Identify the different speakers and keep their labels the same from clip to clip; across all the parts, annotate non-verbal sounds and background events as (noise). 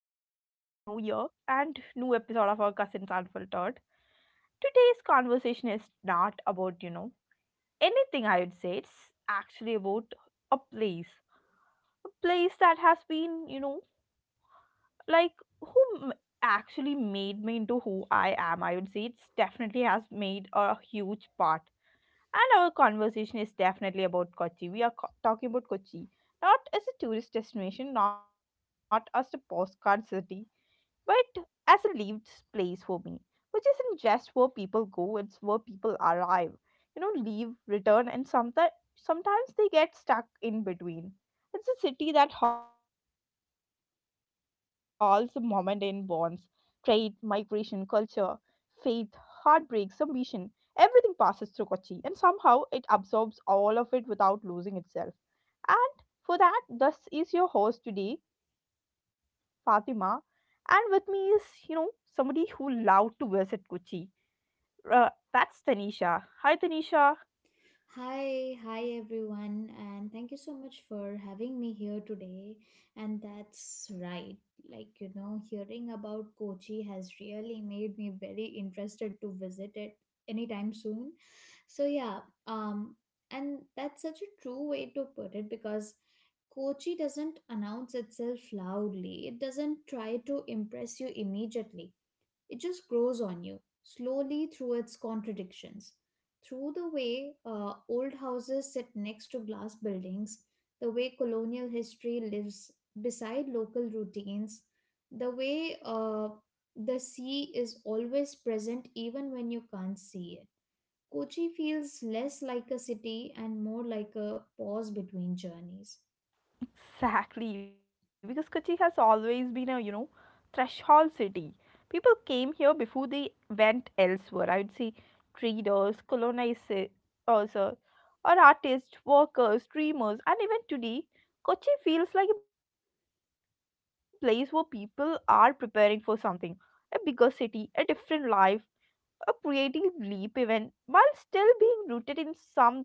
Speaker 1: New Year and new episode of our Cousins Unfiltered. Today's conversation is not about, anything I would say. It's actually about a place. A place that has been, like who m- actually made me into who I am. I would say it's definitely has made a huge part. And our conversation is definitely about Kochi. Talking about Kochi. Not as a tourist destination, not as a postcard city, but as a lived place for me, which isn't just where people go, it's where people arrive. You know, leave, return, and sometimes they get stuck in between. It's a city that holds the moment in bonds, trade, migration, culture, faith, heartbreak, ambition. Everything passes through Kochi, and somehow it absorbs all of it without losing itself. And for that, this is your host today, Fatima, and with me is, you know, somebody who loved to visit Kochi. That's Tanisha. Hi, Tanisha.
Speaker 2: Hi, hi everyone, and thank you so much for having me here today. And that's right, like you know, hearing about Kochi has really made me very interested to visit it anytime soon. So, yeah, um, and that's such a true way to put it because Kochi doesn't announce itself loudly, it doesn't try to impress you immediately, it just grows on you slowly through its contradictions. Through the way old houses sit next to glass buildings, the way colonial history lives beside local routines, the way the sea is always present even when you can't see it. Kochi feels less like a city and more like a pause between journeys.
Speaker 1: Exactly, because Kochi has always been a, threshold city. People came here before they went elsewhere. I would say traders, colonizers, or artists, workers, dreamers, and even today, Kochi feels like a place where people are preparing for something, a bigger city, a different life, a creative leap, even while still being rooted in something older. (laughs)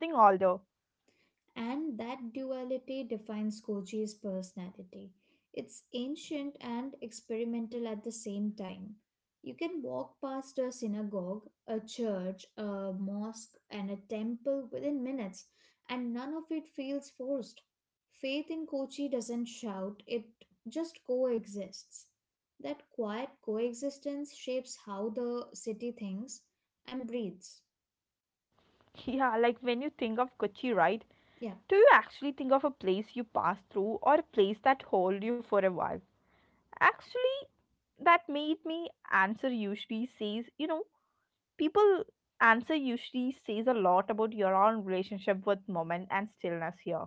Speaker 2: And that duality defines Koji's personality. It's ancient and experimental at the same time. You can walk past a synagogue, a church, a mosque, and a temple within minutes, and none of it feels forced. Faith in Kochi doesn't shout, it just coexists. That quiet coexistence shapes how the city thinks and breathes.
Speaker 1: Yeah, like when you think of Kochi, right?
Speaker 2: Yeah.
Speaker 1: Do you actually think of a place you passed through or a place that hold you for a while? Actually, that made me answer usually says, people answer usually says a lot about your own relationship with moment and stillness here.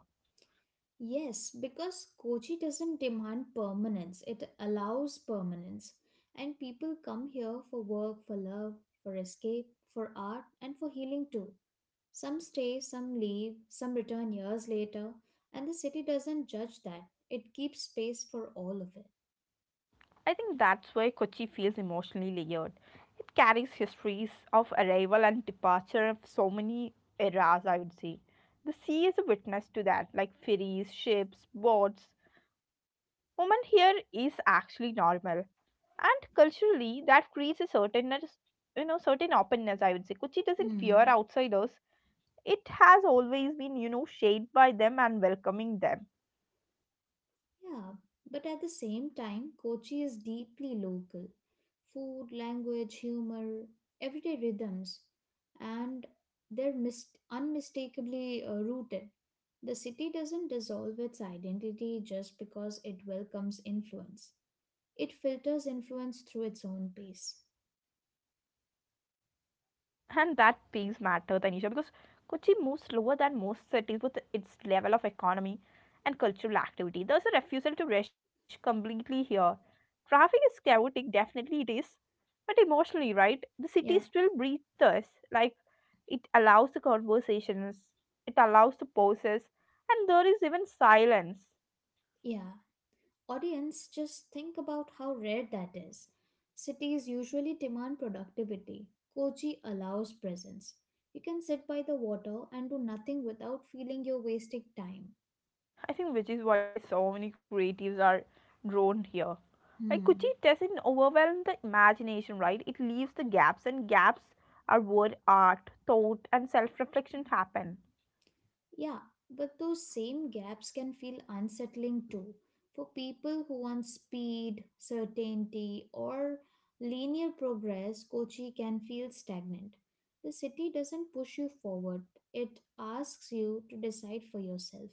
Speaker 2: Yes, because Kochi doesn't demand permanence, it allows permanence. And people come here for work, for love, for escape, for art, and for healing too. Some stay, some leave, some return years later, and the city doesn't judge that. It keeps space for all of it.
Speaker 1: I think that's why Kochi feels emotionally layered. It carries histories of arrival and departure of so many eras, I would say. The sea is a witness to that, like ferries, ships, boats. Women here is actually normal. And culturally, that creates a certain, certain openness, I would say. Kochi doesn't fear
Speaker 2: Mm-hmm.
Speaker 1: outsiders. It has always been, shaped by them and welcoming them.
Speaker 2: Yeah, but at the same time, Kochi is deeply local. Food, language, humor, everyday rhythms, and unmistakably rooted. The city doesn't dissolve its identity just because it welcomes influence. It filters influence through its own pace.
Speaker 1: And that piece matters, Tanisha, because Kochi moves slower than most cities with its level of economy and cultural activity. There's a refusal to rush completely here. Traffic is chaotic, definitely it is, but emotionally, right? The city
Speaker 2: Yeah,
Speaker 1: still breathes us. Like, it allows the conversations, it allows the pauses, and there is even silence.
Speaker 2: yeah. Audience, just think about how rare that is. Cities usually demand productivity. Kochi allows presence. You can sit by the water and do nothing without feeling you're wasting time.
Speaker 1: I think which is why so many creatives are drawn here. Like Kuchi
Speaker 2: Hmm.
Speaker 1: doesn't overwhelm the imagination, right? It leaves the gaps, and gaps are where art, thought, and self reflection happen.
Speaker 2: Yeah, but those same gaps can feel unsettling too. For people who want speed, certainty, or linear progress, Kochi can feel stagnant. The city doesn't push you forward, it asks you to decide for yourself.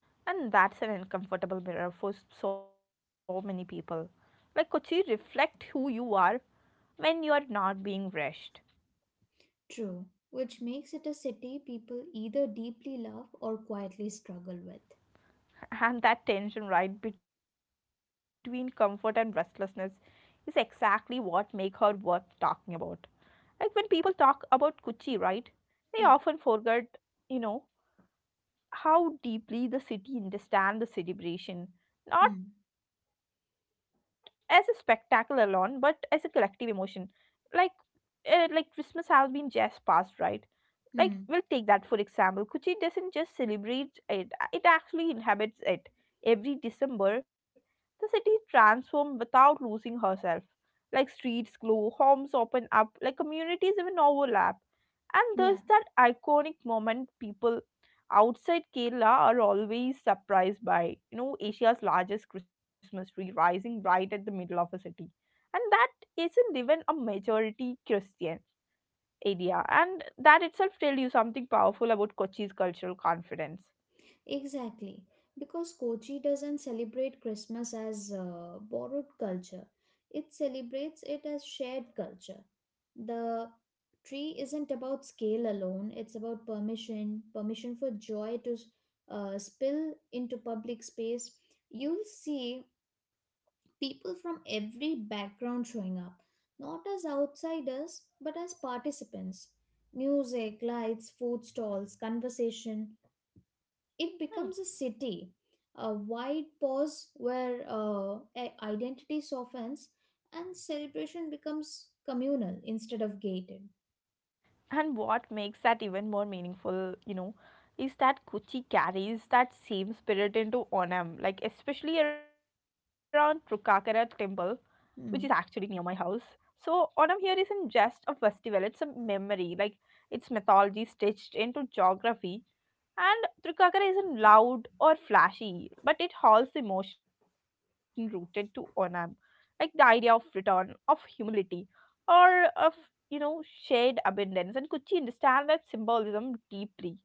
Speaker 1: And that's an uncomfortable mirror for so many people. Like Kuchi, reflect who you are when you are not being rushed.
Speaker 2: True, which makes it a city people either deeply love or quietly struggle with.
Speaker 1: And that tension, right, between comfort and restlessness is exactly what make her worth talking about. Like when people talk about kuchi, right, they often
Speaker 2: Yeah.
Speaker 1: forget, you know how deeply the city understand the celebration, not
Speaker 2: Hmm.
Speaker 1: as a spectacle alone but as a collective emotion. Like, like Christmas has been just past, right? Like, we'll
Speaker 2: Hmm.
Speaker 1: take that for example. Kuchi doesn't just celebrate it, it actually inhabits it. Every December the city transforms without losing herself. Like streets glow, homes open up, like communities even overlap. And
Speaker 2: Yeah,
Speaker 1: there's that iconic moment people outside Kerala are always surprised by, you know, Asia's largest Christmas tree rising right at the middle of a city. And that isn't even a majority Christian area, and that itself tells you something powerful about Kochi's cultural confidence.
Speaker 2: exactly. Because Kochi doesn't celebrate Christmas as borrowed culture, it celebrates it as shared culture. The tree isn't about scale alone, it's about permission, permission for joy to spill into public space. You'll see people from every background showing up, not as outsiders, but as participants. Music, lights, food stalls, conversation. It
Speaker 1: Hmm.
Speaker 2: becomes a city, a wide pause where identity softens and celebration becomes communal instead of gated.
Speaker 1: And what makes that even more meaningful, is that Kochi carries that same spirit into Onam, like especially around Trukakara temple, which is actually near my
Speaker 2: Hmm.
Speaker 1: house. So Onam here isn't just a festival, it's a memory, like it's mythology stitched into geography. And Trikakara isn't loud or flashy, but it holds emotion rooted to Onam, like the idea of return, of humility, or of, you know shared abundance. And Kuchi understand that symbolism deeply.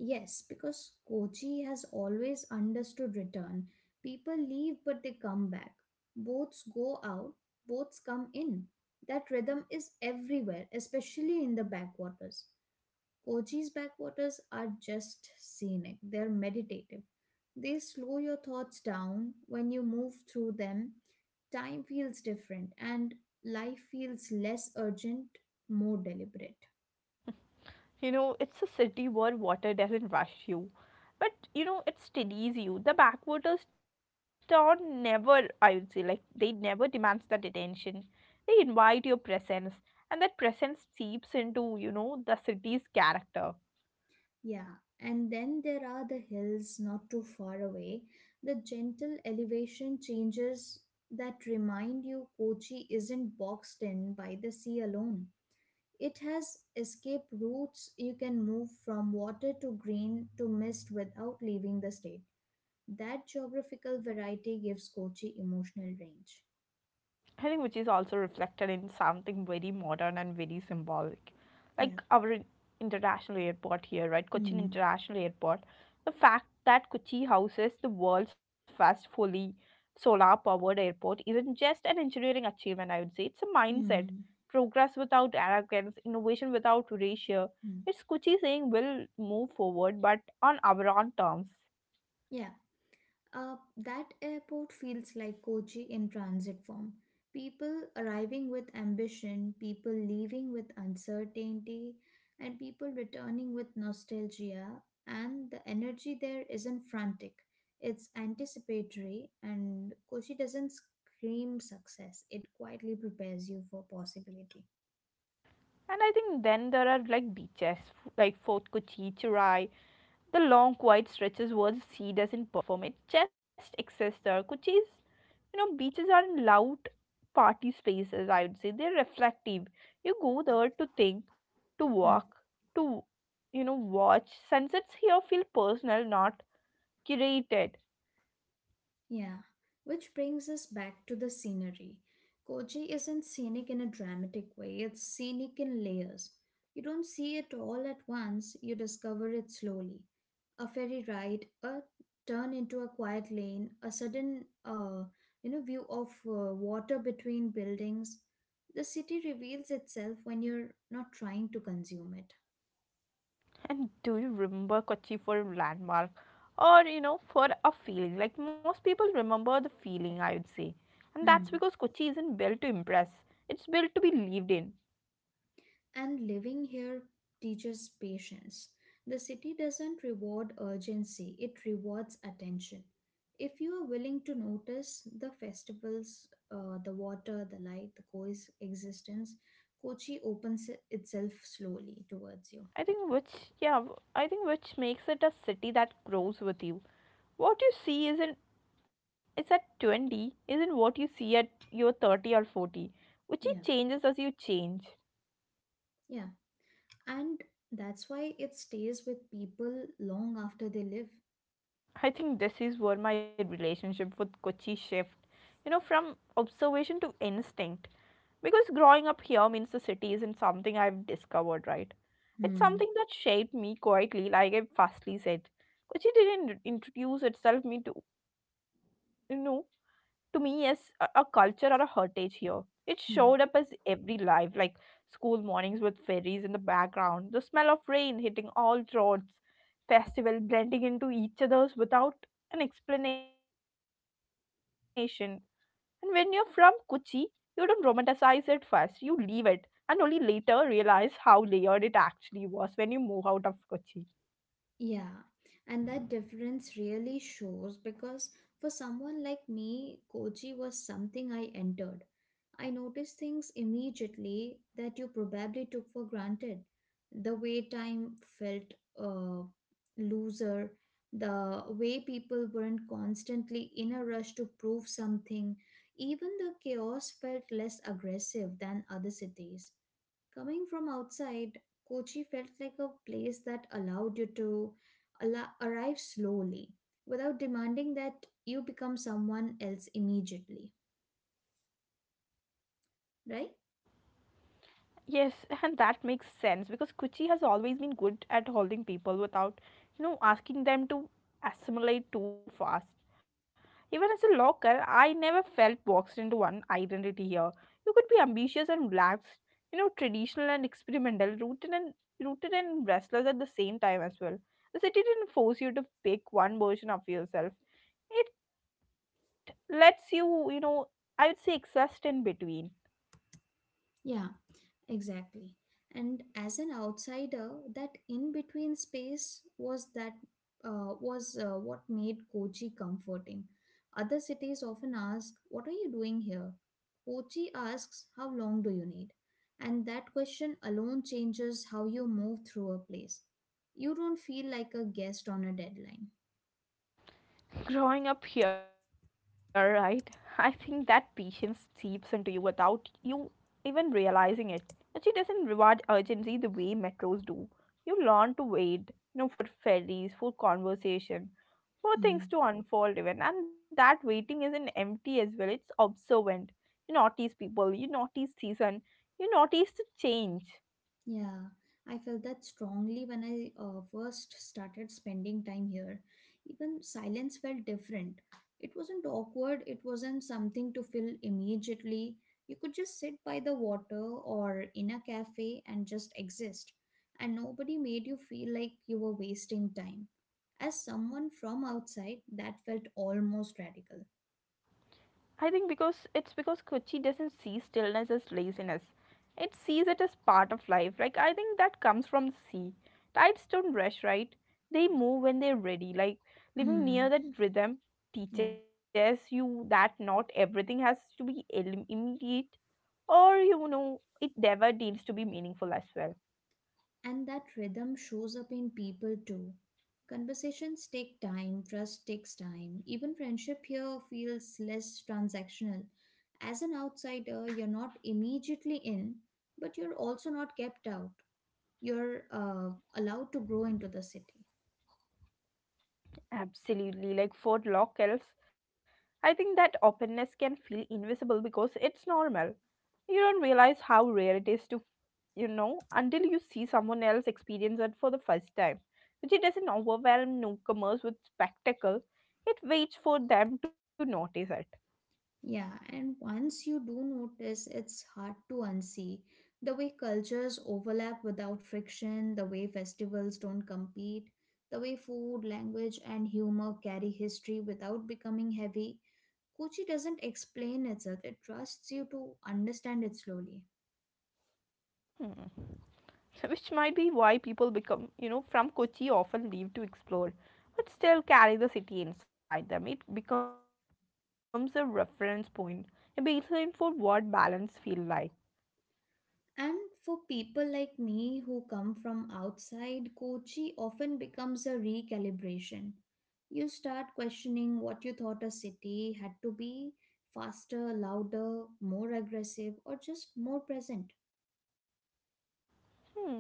Speaker 2: Yes, because Kochi has always understood return. People leave but they come back. Boats go out, boats come in. That rhythm is everywhere, especially in the backwaters. Kochi's backwaters are just scenic, they're meditative. They slow your thoughts down when you move through them. Time feels different and life feels less urgent, more deliberate.
Speaker 1: You know, it's a city where water doesn't rush you, but you know, it steadies you. The backwaters town never, I would say, like they never demands that attention. They invite your presence, and that presence seeps into, the city's character.
Speaker 2: Yeah, and then there are the hills not too far away. The gentle elevation changes that remind you Kochi isn't boxed in by the sea alone. It has escape routes, you can move from water to green to mist without leaving the state. That geographical variety gives Kochi emotional range.
Speaker 1: I think which is also reflected in something very modern and very symbolic.
Speaker 2: Yeah.
Speaker 1: Like our international airport here, right? Cochin
Speaker 2: Hmm.
Speaker 1: International Airport. The fact that Kochi houses the world's first fully solar powered airport isn't just an engineering achievement, I would say. It's a mindset.
Speaker 2: Hmm.
Speaker 1: Progress without arrogance, innovation without ratio.
Speaker 2: Hmm.
Speaker 1: It's Kochi saying we'll move forward, but on our own terms.
Speaker 2: Yeah. That airport feels like Kochi in transit form. People arriving with ambition, people leaving with uncertainty, and people returning with nostalgia. And the energy there isn't frantic, it's anticipatory. And Kochi doesn't scream success, it quietly prepares you for possibility.
Speaker 1: And I think then there are like beaches like Fort Kochi, Churai. The long quiet stretches where the sea doesn't perform, it just exists there, which is, you know, beaches are in loud party spaces, I would say. They're reflective. You go there to think, to
Speaker 2: Hmm.
Speaker 1: walk, to, watch. Sunsets here feel personal, not curated.
Speaker 2: Yeah, which brings us back to the scenery. Koji isn't scenic in a dramatic way, it's scenic in layers. You don't see it all at once, you discover it slowly. A ferry ride, a turn into a quiet lane, a sudden you know, view of water between buildings. The city reveals itself when you're not trying to consume it.
Speaker 1: And do you remember Kochi for a landmark or, for a feeling? Like most people remember the feeling, I would say. And that's because
Speaker 2: Hmm.
Speaker 1: Kochi isn't built to impress, it's built to be lived in.
Speaker 2: And living here teaches patience. The city doesn't reward urgency, it rewards attention. If you are willing to notice the festivals, the water, the light, the co's existence, Kochi opens itself slowly towards
Speaker 1: I
Speaker 2: you.
Speaker 1: think which, yeah, I think which makes it a city that grows with you. What you see isn't is at 20 isn't what you see at your 30 or 40, which it
Speaker 2: Yeah,
Speaker 1: changes as you change.
Speaker 2: yeah. And that's why it stays with people long after they live.
Speaker 1: I think this is where my relationship with Kochi shift, from observation to instinct. Because growing up here means the city isn't something I've discovered, right? It's
Speaker 2: Hmm.
Speaker 1: something that shaped me quietly, like I firstly said. Kochi didn't introduce itself me to you know to me yes a culture or a heritage here. It showed up as
Speaker 2: Hmm.
Speaker 1: every life, like school mornings with ferries in the background, the smell of rain hitting all roads, festival blending into each other's without an explanation. And when you're from Kochi, you don't romanticize it first, you leave it, and only later realize how layered it actually was when you move out of Kochi.
Speaker 2: Yeah, and that difference really shows because for someone like me, Kochi was something I entered. I noticed things immediately that you probably took for granted. The way time felt uh, looser, the way people weren't constantly in a rush to prove something, even the chaos felt less aggressive than other cities. Coming from outside, Kochi felt like a place that allowed you to arrive slowly without demanding that you become someone else immediately, right?
Speaker 1: Yes, (laughs) and that makes sense because Kuchi has always been good at holding people without, asking them to assimilate too fast. Even as a local, I never felt boxed into one identity here. You could be ambitious and relaxed, you know, traditional and experimental, rooted and restless at the same time as well. The city didn't force you to pick one version of yourself. It lets you, I would say, exist in between.
Speaker 2: Yeah, exactly. And as an outsider, that in between space was that was what made Kochi comforting. Other cities often ask, "What are you doing here?" Kochi asks, "How long do you need?" And that question alone changes how you move through a place. You don't feel like a guest on a deadline.
Speaker 1: Growing up here, right? (laughs) I think that patience seeps into you without you even realizing it. But she doesn't reward urgency the way metros do. You learn to wait, you know, for ferries, for conversation, for things
Speaker 2: Hmm.
Speaker 1: to unfold even. And that waiting isn't empty as well, it's observant. You notice people, you notice season, you notice the change.
Speaker 2: Yeah, I felt that strongly when I first started spending time here. Even silence felt different. It wasn't awkward, it wasn't something to fill immediately. You could just sit by the water or in a cafe and just exist, and nobody made you feel like you were wasting time. As someone from outside, that felt almost radical.
Speaker 1: I think because it's because Kochi doesn't see stillness as laziness. It sees it as part of life. Like I think that comes from the sea. Tides don't rush, right? They move when they're ready. Like living
Speaker 2: Hmm,
Speaker 1: near that rhythm
Speaker 2: yeah.
Speaker 1: teaches you that not everything has to be immediate, or you know, it never needs to be meaningful as well.
Speaker 2: And that rhythm shows up in people too. Conversations take time, trust takes time. Even friendship here feels less transactional. As an outsider, you're not immediately in, but you're also not kept out. You're allowed to grow into the city.
Speaker 1: Absolutely. Like for locals, I think that openness can feel invisible because it's normal. You don't realize how rare it is to, until you see someone else experience it for the first time. Which it doesn't overwhelm newcomers with spectacle, it waits for them to notice it.
Speaker 2: Yeah, and once you do notice, it's hard to unsee. The way cultures overlap without friction, the way festivals don't compete, the way food, language, and humor carry history without becoming heavy. Kochi doesn't explain itself, it trusts you to understand it slowly.
Speaker 1: Hmm. So which might be why people become, from Kochi often leave to explore, but still carry the city inside them. It becomes a reference point, a baseline for what balance feels like.
Speaker 2: And for people like me who come from outside, Kochi often becomes a recalibration. You start questioning what you thought a city had to be, faster, louder, more aggressive, or just more present.
Speaker 1: Hmm.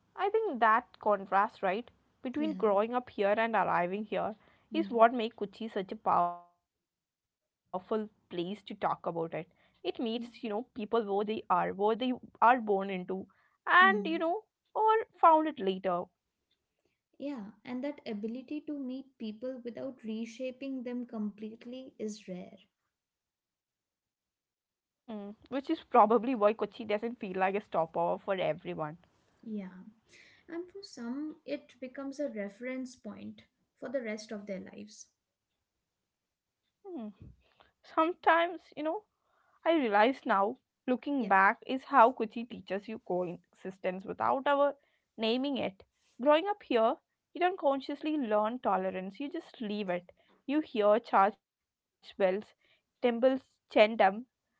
Speaker 1: I think that contrast, right, between
Speaker 2: Yeah.
Speaker 1: growing up here and arriving here is
Speaker 2: Hmm.
Speaker 1: what makes Kochi such a powerful place to talk about it. It meets, people
Speaker 2: Yeah.
Speaker 1: where they are born into, and, you know,
Speaker 2: Hmm.
Speaker 1: or found it later.
Speaker 2: Yeah. And that ability to meet people without reshaping them completely is rare.
Speaker 1: Mm, which is probably why Kochi doesn't feel like a stopover for everyone.
Speaker 2: Yeah. And for some, it becomes a reference point for the rest of their lives.
Speaker 1: Mm. Sometimes, you know, I realize now,
Speaker 2: Yeah.
Speaker 1: looking back, is how Kuchi teaches you coexistence without ever naming it. Growing up here, you don't consciously learn tolerance, you just leave it. You hear church bells, temples chant 'em,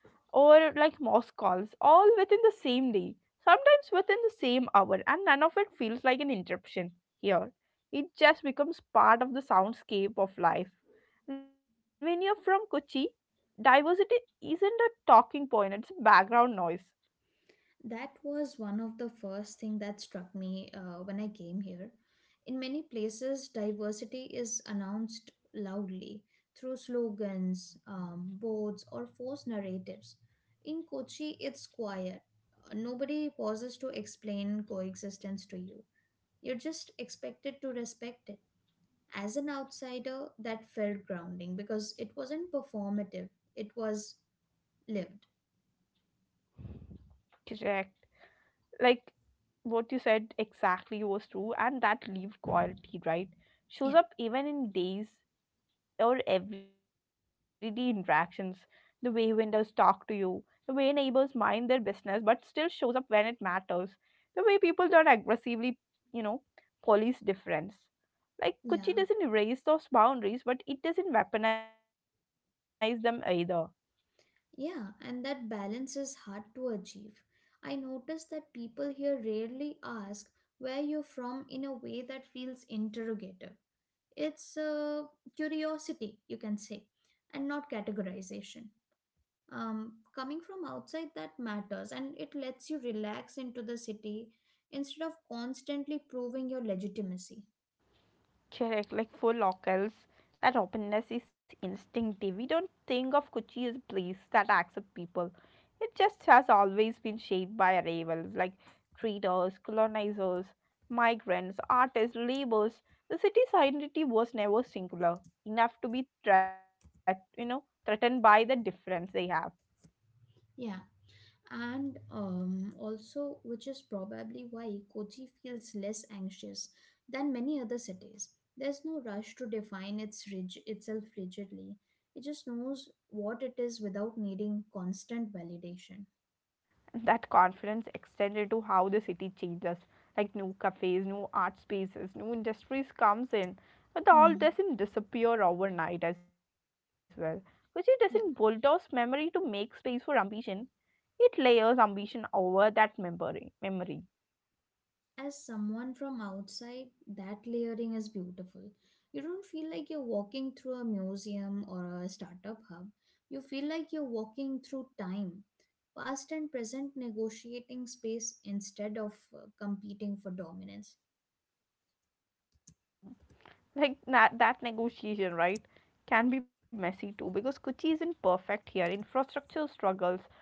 Speaker 1: or like mosque calls, all within the same day, sometimes within the same hour, and none of it feels like an interruption here. It just becomes part of the soundscape of life. When you're from Kochi, diversity isn't a talking point, it's a background noise.
Speaker 2: That was one of the first thing that struck me when I came here. In many places, diversity is announced loudly through slogans, boards, or forced narratives. In Kochi, it's quiet. Nobody pauses to explain coexistence to you. You're just expected to respect it. As an outsider, that felt grounding because it wasn't performative, it was lived.
Speaker 1: Correct. Like what you said exactly was true, and that lived quality, right?
Speaker 2: Yeah.
Speaker 1: Shows up even in days, or everyday interactions, the way vendors talk to you, the way neighbors mind their business but still shows up when it matters, the way people don't aggressively, you know, police difference. Like
Speaker 2: Yeah.
Speaker 1: Kuchi doesn't erase those boundaries, but it doesn't weaponize them either.
Speaker 2: Yeah, and that balance is hard to achieve. I notice that people here rarely ask where you're from in a way that feels interrogative. It's curiosity, you can say, and not categorization. Coming from outside, that matters, and it lets you relax into the city instead of constantly proving your legitimacy.
Speaker 1: Correct, like for locals, that openness is instinctive. We don't think of Kochi as a place that accepts people. It just has always been shaped by arrivals like traders, colonizers, migrants, artists, laborers. The city's identity was never singular, enough to be threat, you know, threatened by the difference they have.
Speaker 2: Yeah. And also, which is probably why Kochi feels less anxious than many other cities. There's no rush to define itself rigidly, it just knows what it is without needing constant validation.
Speaker 1: That confidence extended to how the city changes, like new cafes, new art spaces, new industries comes in, but the all
Speaker 2: Hmm.
Speaker 1: doesn't disappear overnight as well. Which it doesn't bulldoze
Speaker 2: Yeah.
Speaker 1: memory to make space for ambition, it layers ambition over that memory.
Speaker 2: As someone from outside, that layering is beautiful. You don't feel like you're walking through a museum or a startup hub. You feel like you're walking through time, past and present negotiating space instead of competing for dominance.
Speaker 1: Like that, that negotiation, right, can be messy too, because Kochi isn't perfect here. Infrastructure struggles,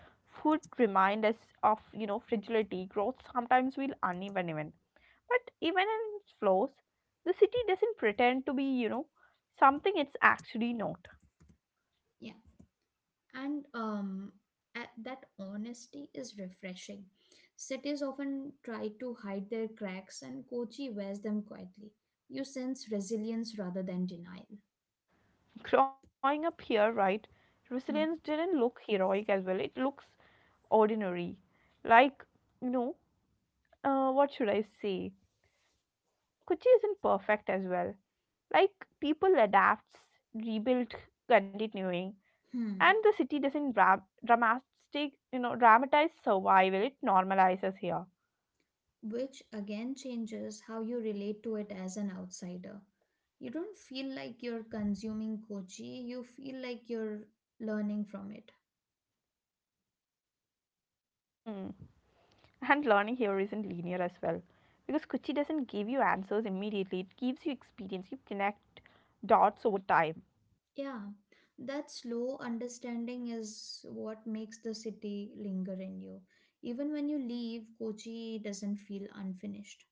Speaker 1: food remind us of, you know, fragility. Growth sometimes will uneven even, but even in its flaws, the city doesn't pretend to be, you know, something it's actually not.
Speaker 2: Yeah. And that honesty is refreshing. Cities often try to hide their cracks, and Kochi wears them quietly. You sense resilience rather than denial.
Speaker 1: Growing up here, right, resilience
Speaker 2: Hmm.
Speaker 1: didn't look heroic as well, it looks ordinary. Like, you know, what should I say, Kochi isn't perfect as well. Like people adapts, rebuild, continuing, and
Speaker 2: Hmm.
Speaker 1: the city doesn't dramatize survival. It normalizes here.
Speaker 2: Which again changes how you relate to it as an outsider. You don't feel like you're consuming Kochi, you feel like you're learning from it.
Speaker 1: Mm. And learning here isn't linear as well. Because Kuchi doesn't give you answers immediately, it gives you experience. You connect dots over time.
Speaker 2: Yeah, that slow understanding is what makes the city linger in you. Even when you leave, Kochi doesn't feel unfinished.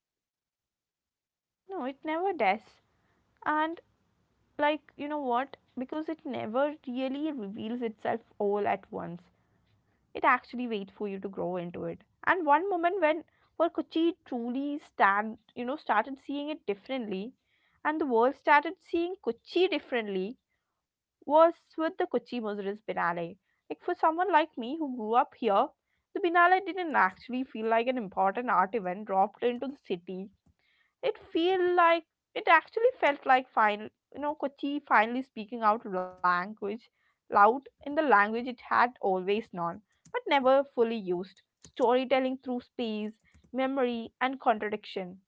Speaker 1: No, it never does. And, like, you know what? Because it never really reveals itself all at once. It actually waits for you to grow into it. And one moment when, well, Kuchi truly stand, you know, started seeing it differently, and the world started seeing Kuchi differently, was with the Kuchi Muziris Binale. Like for someone like me who grew up here, the Binale didn't actually feel like an important art event dropped into the city. It feel like, it actually felt like final, you know, Kochi finally speaking out language, loud in the language it had always known, but never fully used. Storytelling through space, memory, and contradiction.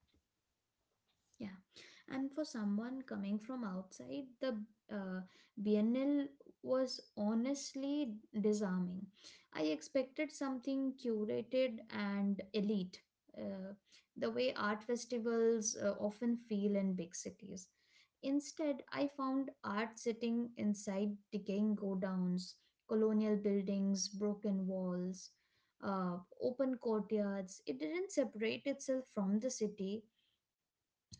Speaker 2: Yeah, and for someone coming from outside, the uh, Biennale was honestly disarming. I expected something curated and elite, uh, the way art festivals often feel in big cities. Instead, I found art sitting inside decaying godowns, colonial buildings, broken walls, uh, open courtyards. It didn't separate itself from the city,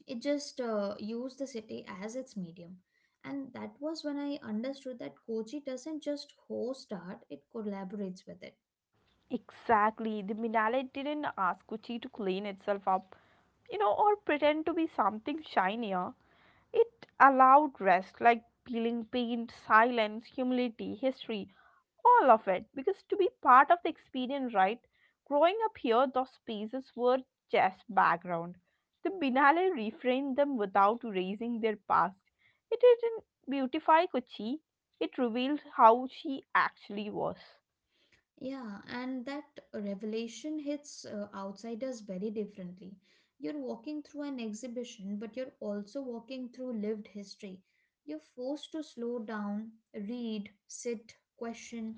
Speaker 2: it just used the city as its medium, and that was when I understood that Kochi doesn't just host art, it collaborates with it.
Speaker 1: Exactly, the Minale didn't ask Kochi to clean itself up, you know, or pretend to be something shinier. It allowed rest, like peeling paint, silence, humility, history, all of it because to be part of the experience, right. Growing up here, those spaces were just background. The binale reframed them without erasing their past. It didn't beautify Kochi, it revealed how she actually was.
Speaker 2: Yeah, and that revelation hits outsiders very differently. You're walking through an exhibition, but you're also walking through lived history. You're forced to slow down, read, sit, question.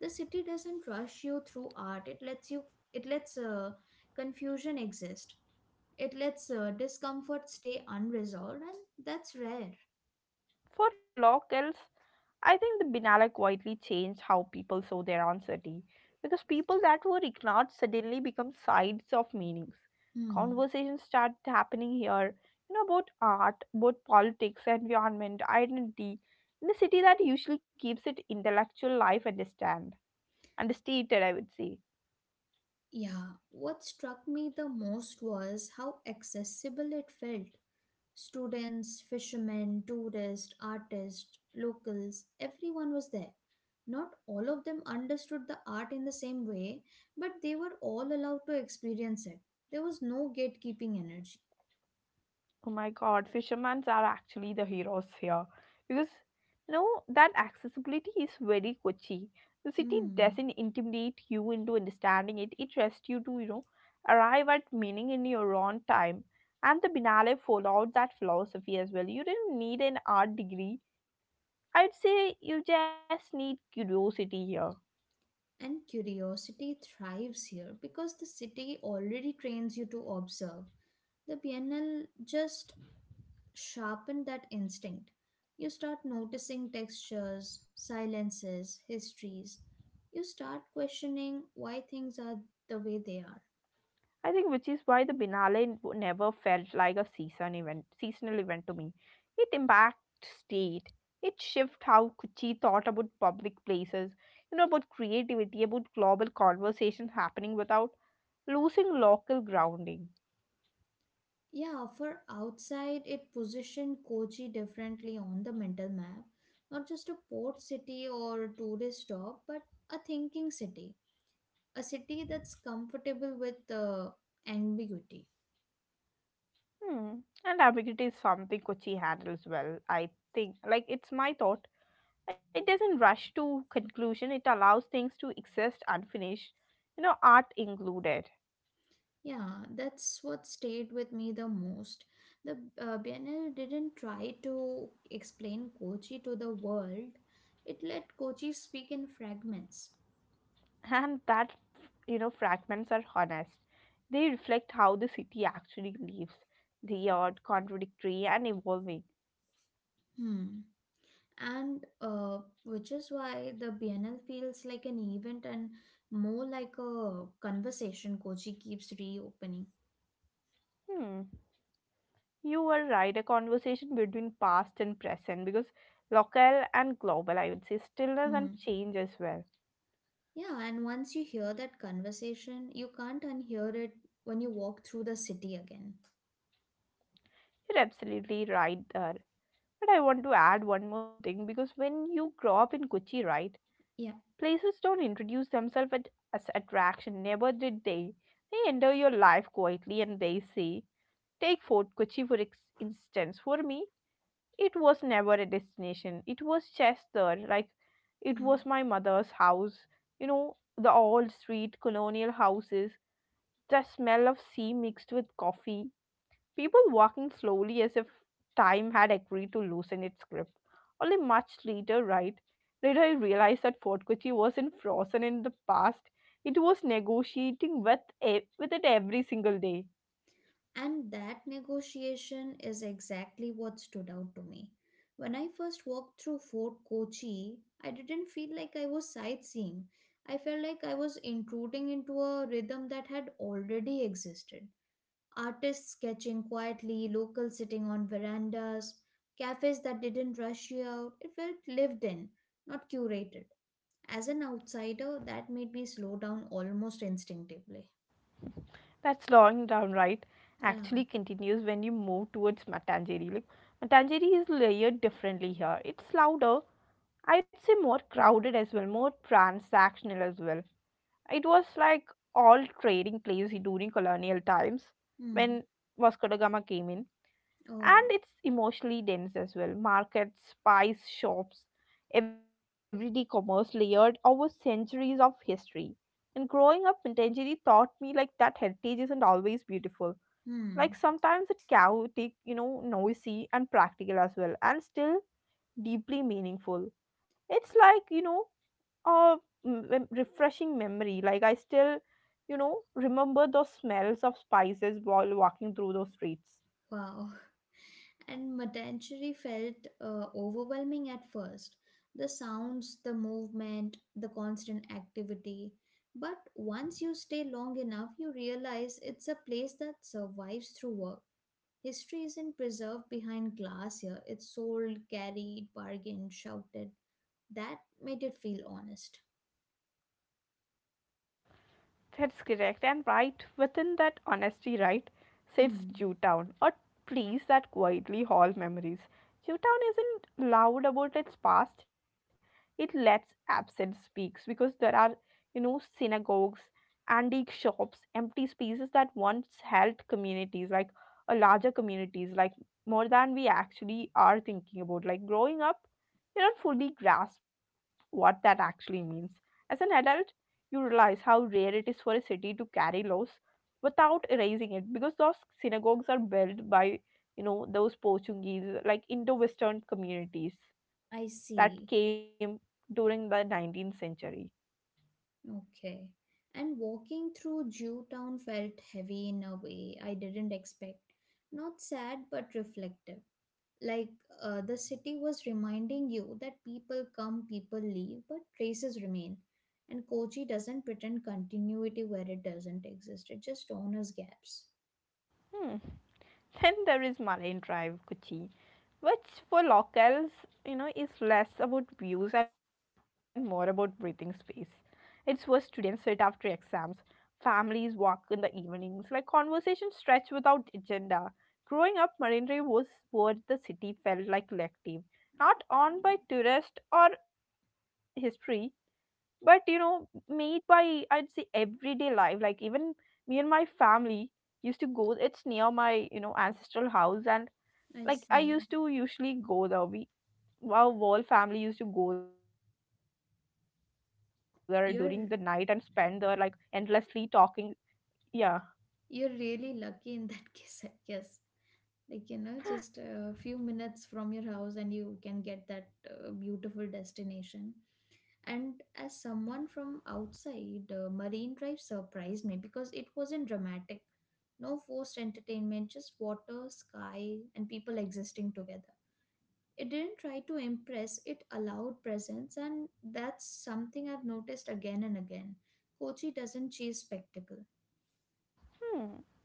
Speaker 2: The city doesn't rush you through art, it lets you, it lets confusion exist. It lets discomfort stay unresolved, and that's rare.
Speaker 1: For locals, I think the Binala quietly changed how people saw their own city, because people that were ignored suddenly become sides of meanings.
Speaker 2: Hmm.
Speaker 1: Conversations start happening here, you know, about art, about politics, environment, identity, in a city that usually keeps it intellectual life understand understated, I would say.
Speaker 2: Yeah, what struck me the most was how accessible it felt. Students, fishermen, tourists, artists, locals, everyone was there. Not all of them understood the art in the same way, but they were all allowed to experience it. There was no gatekeeping energy.
Speaker 1: Oh my god, fishermen are actually the heroes here. Because, you know, that accessibility is very Kochi. The city
Speaker 2: Hmm.
Speaker 1: doesn't intimidate you into understanding it, it trusts you to, you know, arrive at meaning in your own time. And the Binale followed that philosophy as well. You didn't need an art degree. I'd say you just need curiosity here.
Speaker 2: And curiosity thrives here because the city already trains you to observe. The PNL just sharpened that instinct. You start noticing textures, silences, histories. You start questioning why things are the way they are.
Speaker 1: I think which is why the Biennale never felt like a seasonal event to me. It impacted state. It shifted how Kuchi thought about public places, you know, about creativity, about global conversations happening without losing local grounding.
Speaker 2: Yeah, for outside, it positioned Kochi differently on the mental map, not just a port city or a tourist stop, but a thinking city, a city that's comfortable with ambiguity.
Speaker 1: Hmm. And ambiguity is something Kuchi handles well, I think. Like, it's my thought. It doesn't rush to conclusion. It allows things to exist unfinished, you know, art included.
Speaker 2: Yeah, that's what stayed with me the most. The Biennale didn't try to explain Kochi to the world, it let Kochi speak in fragments.
Speaker 1: And that, you know, fragments are honest. They reflect how the city actually lives. They are contradictory and evolving.
Speaker 2: Hmm. And which is why the Biennale feels like an event and more like a conversation Kochi keeps reopening.
Speaker 1: Hmm, you were right, a conversation between past and present, because local and global, I would say, stillness and
Speaker 2: Hmm.
Speaker 1: change as well.
Speaker 2: Yeah, and once you hear that conversation, you can't unhear it when you walk through the city again.
Speaker 1: You're absolutely right there, but I want to add one more thing, because when you grow up in Kochi, right,
Speaker 2: Yeah.
Speaker 1: places don't introduce themselves as attraction, never did they. They enter your life quietly and they say, take Fort Kochi for instance. For me, it was never a destination. It was Chester, like it
Speaker 2: Hmm.
Speaker 1: was my mother's house. You know, the old street, colonial houses, the smell of sea mixed with coffee, people walking slowly as if time had agreed to loosen its grip. Only much later, right, later I realized that Fort Kochi wasn't frozen in the past. It was negotiating with it every single day.
Speaker 2: And that negotiation is exactly what stood out to me. When I first walked through Fort Kochi, I didn't feel like I was sightseeing. I felt like I was intruding into a rhythm that had already existed. Artists sketching quietly, locals sitting on verandas, cafes that didn't rush you out. It felt lived in, not curated. As an outsider, that made me slow down almost instinctively.
Speaker 1: That slowing down, right,
Speaker 2: Yeah.
Speaker 1: actually continues when you move towards Matanjeri. Like, Matanjeri is layered differently here. It's louder, I'd say more crowded as well, more transactional as well. It was like all trading place during colonial times, when
Speaker 2: Hmm.
Speaker 1: Vasco da Gama came in. And
Speaker 2: Oh.
Speaker 1: it's emotionally dense as well. Markets, spice shops, everyday commerce layered over centuries of history. And growing up in Matanjeri taught me like that heritage isn't always beautiful. Like
Speaker 2: Hmm.
Speaker 1: sometimes it's chaotic, you know, noisy and practical as well, and still deeply meaningful. It's like, you know, a refreshing memory. Like I still, you know, remember those smells of spices while walking through those streets.
Speaker 2: Wow. And Matanchery felt overwhelming at first. The sounds, the movement, the constant activity. But once you stay long enough, you realize it's a place that survives through work. History isn't preserved behind glass here, it's sold, carried, bargained, shouted. That made it feel honest.
Speaker 1: That's correct. And right within that honesty, right, sits
Speaker 2: Hmm,
Speaker 1: Jewtown, a place that quietly hauls memories. Jewtown isn't loud about its past, it lets absence speaks, because there are, you know, synagogues, antique shops, empty spaces that once held communities, like a larger communities, like more than we actually are thinking about. Like growing up, you don't fully grasp what that actually means. As an adult, you realize how rare it is for a city to carry laws without erasing it, because those synagogues are built by, you know, those Portuguese, like Indo-Western communities
Speaker 2: I
Speaker 1: that
Speaker 2: see.
Speaker 1: came during the 19th century.
Speaker 2: Okay. And walking through Jew Town felt heavy in a way I didn't expect. Not sad, but reflective. Like the city was reminding you that people come, people leave, but traces remain. And Kochi doesn't pretend continuity where it doesn't exist, it just honors gaps.
Speaker 1: Hmm. Then there is Marine Drive, Kochi, which for locals, you know, is less about views and more about breathing space. It's where students sit after exams, families walk in the evenings, like conversations stretch without agenda. Growing up, Marine Drive was where the city felt like collective, not owned by tourists or history, but, you know, made by, I'd say, everyday life. Like even me and my family used to go, it's near my, you know, ancestral house, and
Speaker 2: I
Speaker 1: like I
Speaker 2: see.
Speaker 1: used to usually go there. We, our whole family used to go there during the night and spend there, like, endlessly
Speaker 2: You're
Speaker 1: talking. Yeah.
Speaker 2: you're really lucky in that (laughs) case, I guess. Like you know, just a few minutes from your house, and you can get that beautiful destination. And as someone from outside, Marine Drive surprised me because it wasn't dramatic. No forced entertainment, just water, sky, and people existing together. It didn't try to impress, it allowed presence, and that's something I've noticed again and again. Kochi doesn't chase spectacle.
Speaker 1: Hmm,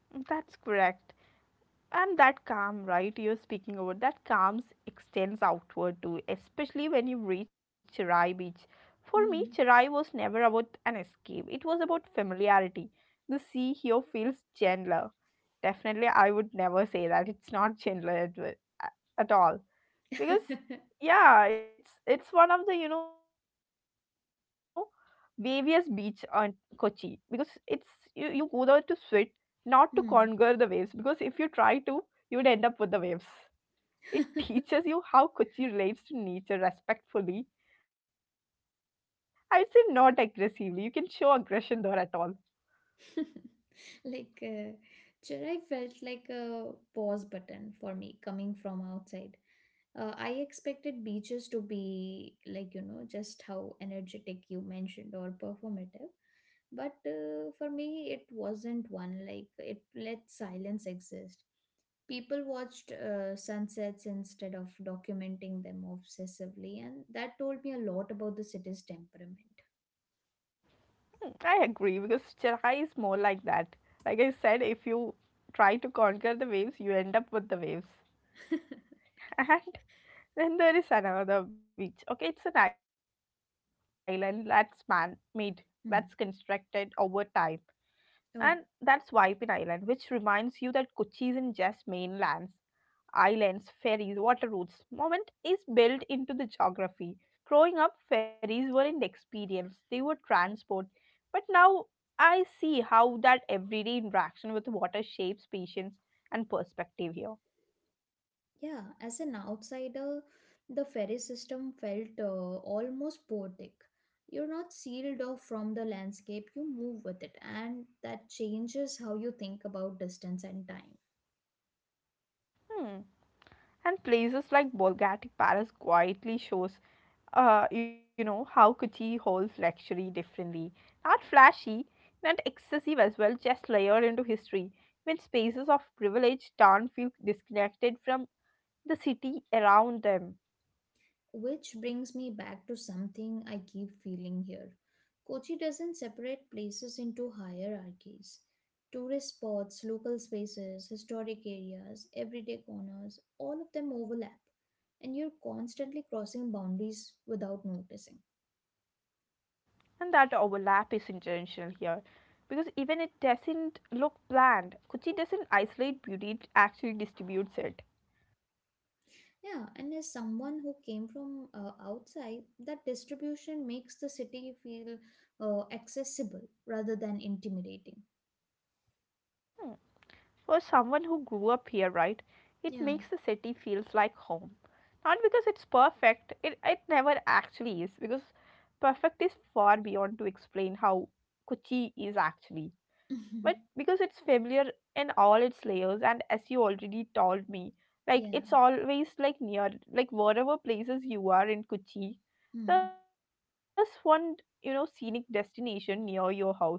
Speaker 1: that's correct. And that calm, right, you're speaking about, that calm extends outward too, especially when you reach Cherai beach. For me, Cherai
Speaker 2: Hmm.
Speaker 1: was never about an escape, it was about familiarity. The sea here feels gentler. Definitely I would never say that it's not gentler at all, because, yeah, it's one of the, you know, waviest beach on Kochi. Because it's, you go there to sit, not to conquer the
Speaker 2: (laughs)
Speaker 1: waves, because
Speaker 2: Hmm.
Speaker 1: if you try to, you would end up with the waves. It teaches you how
Speaker 2: (laughs)
Speaker 1: Kochi relates to nature respectfully, I'd say, not aggressively. You can show aggression there at all.
Speaker 2: (laughs) like uh, Chennai felt like a pause button for me coming from outside. I expected beaches to be like you know just how energetic you mentioned or performative, but for me it wasn't one. Like it let silence exist. People watched sunsets instead of documenting them obsessively, and that told me a lot about the city's temperament.
Speaker 1: Hmm, I agree, because Chennai is more like that. Like I said, if you try to conquer the waves, you end up with the waves.
Speaker 2: (laughs)
Speaker 1: (laughs) And then there is another beach, okay, it's an island that's man made, that's constructed over
Speaker 2: Hmm.
Speaker 1: time. And that's Waipin
Speaker 2: Oh.
Speaker 1: Island, which reminds you that Kochi isn't just mainlands, islands, ferries, water routes. Moment is built into the geography. Growing up, ferries weren't experience, they were transport. But now I see how that everyday interaction with water shapes patience and perspective here.
Speaker 2: Yeah, as an outsider, the ferry system felt almost poetic. You're not sealed off from the landscape, you move with it, and that changes how you think about distance and time.
Speaker 1: Hmm. And places like Bolgati Palace quietly shows, you know, how Kochi holds luxury differently. Not flashy, not excessive as well, just layered into history. When spaces of privilege don't feel disconnected from the city around them.
Speaker 2: Which brings me back to something I keep feeling here. Kochi doesn't separate places into hierarchies. Tourist spots, local spaces, historic areas, everyday corners, all of them overlap, and you're constantly crossing boundaries without noticing.
Speaker 1: And that overlap is intentional here. Because even it doesn't look planned, Kochi doesn't isolate beauty, it actually distributes it.
Speaker 2: Yeah, and as someone who came from outside, that distribution makes the city feel accessible rather than intimidating.
Speaker 1: For someone who grew up here, right, it makes the
Speaker 2: Yeah.
Speaker 1: city feels like home. Not because it's perfect, it never actually is, because perfect is far beyond to explain how Kochi is actually.
Speaker 2: (laughs)
Speaker 1: But because it's familiar in all its layers, and as you already told me,
Speaker 2: Yeah.
Speaker 1: like it's always like near, like wherever places you are in
Speaker 2: Hmm.
Speaker 1: Kochi, there's one, you know, scenic destination near your house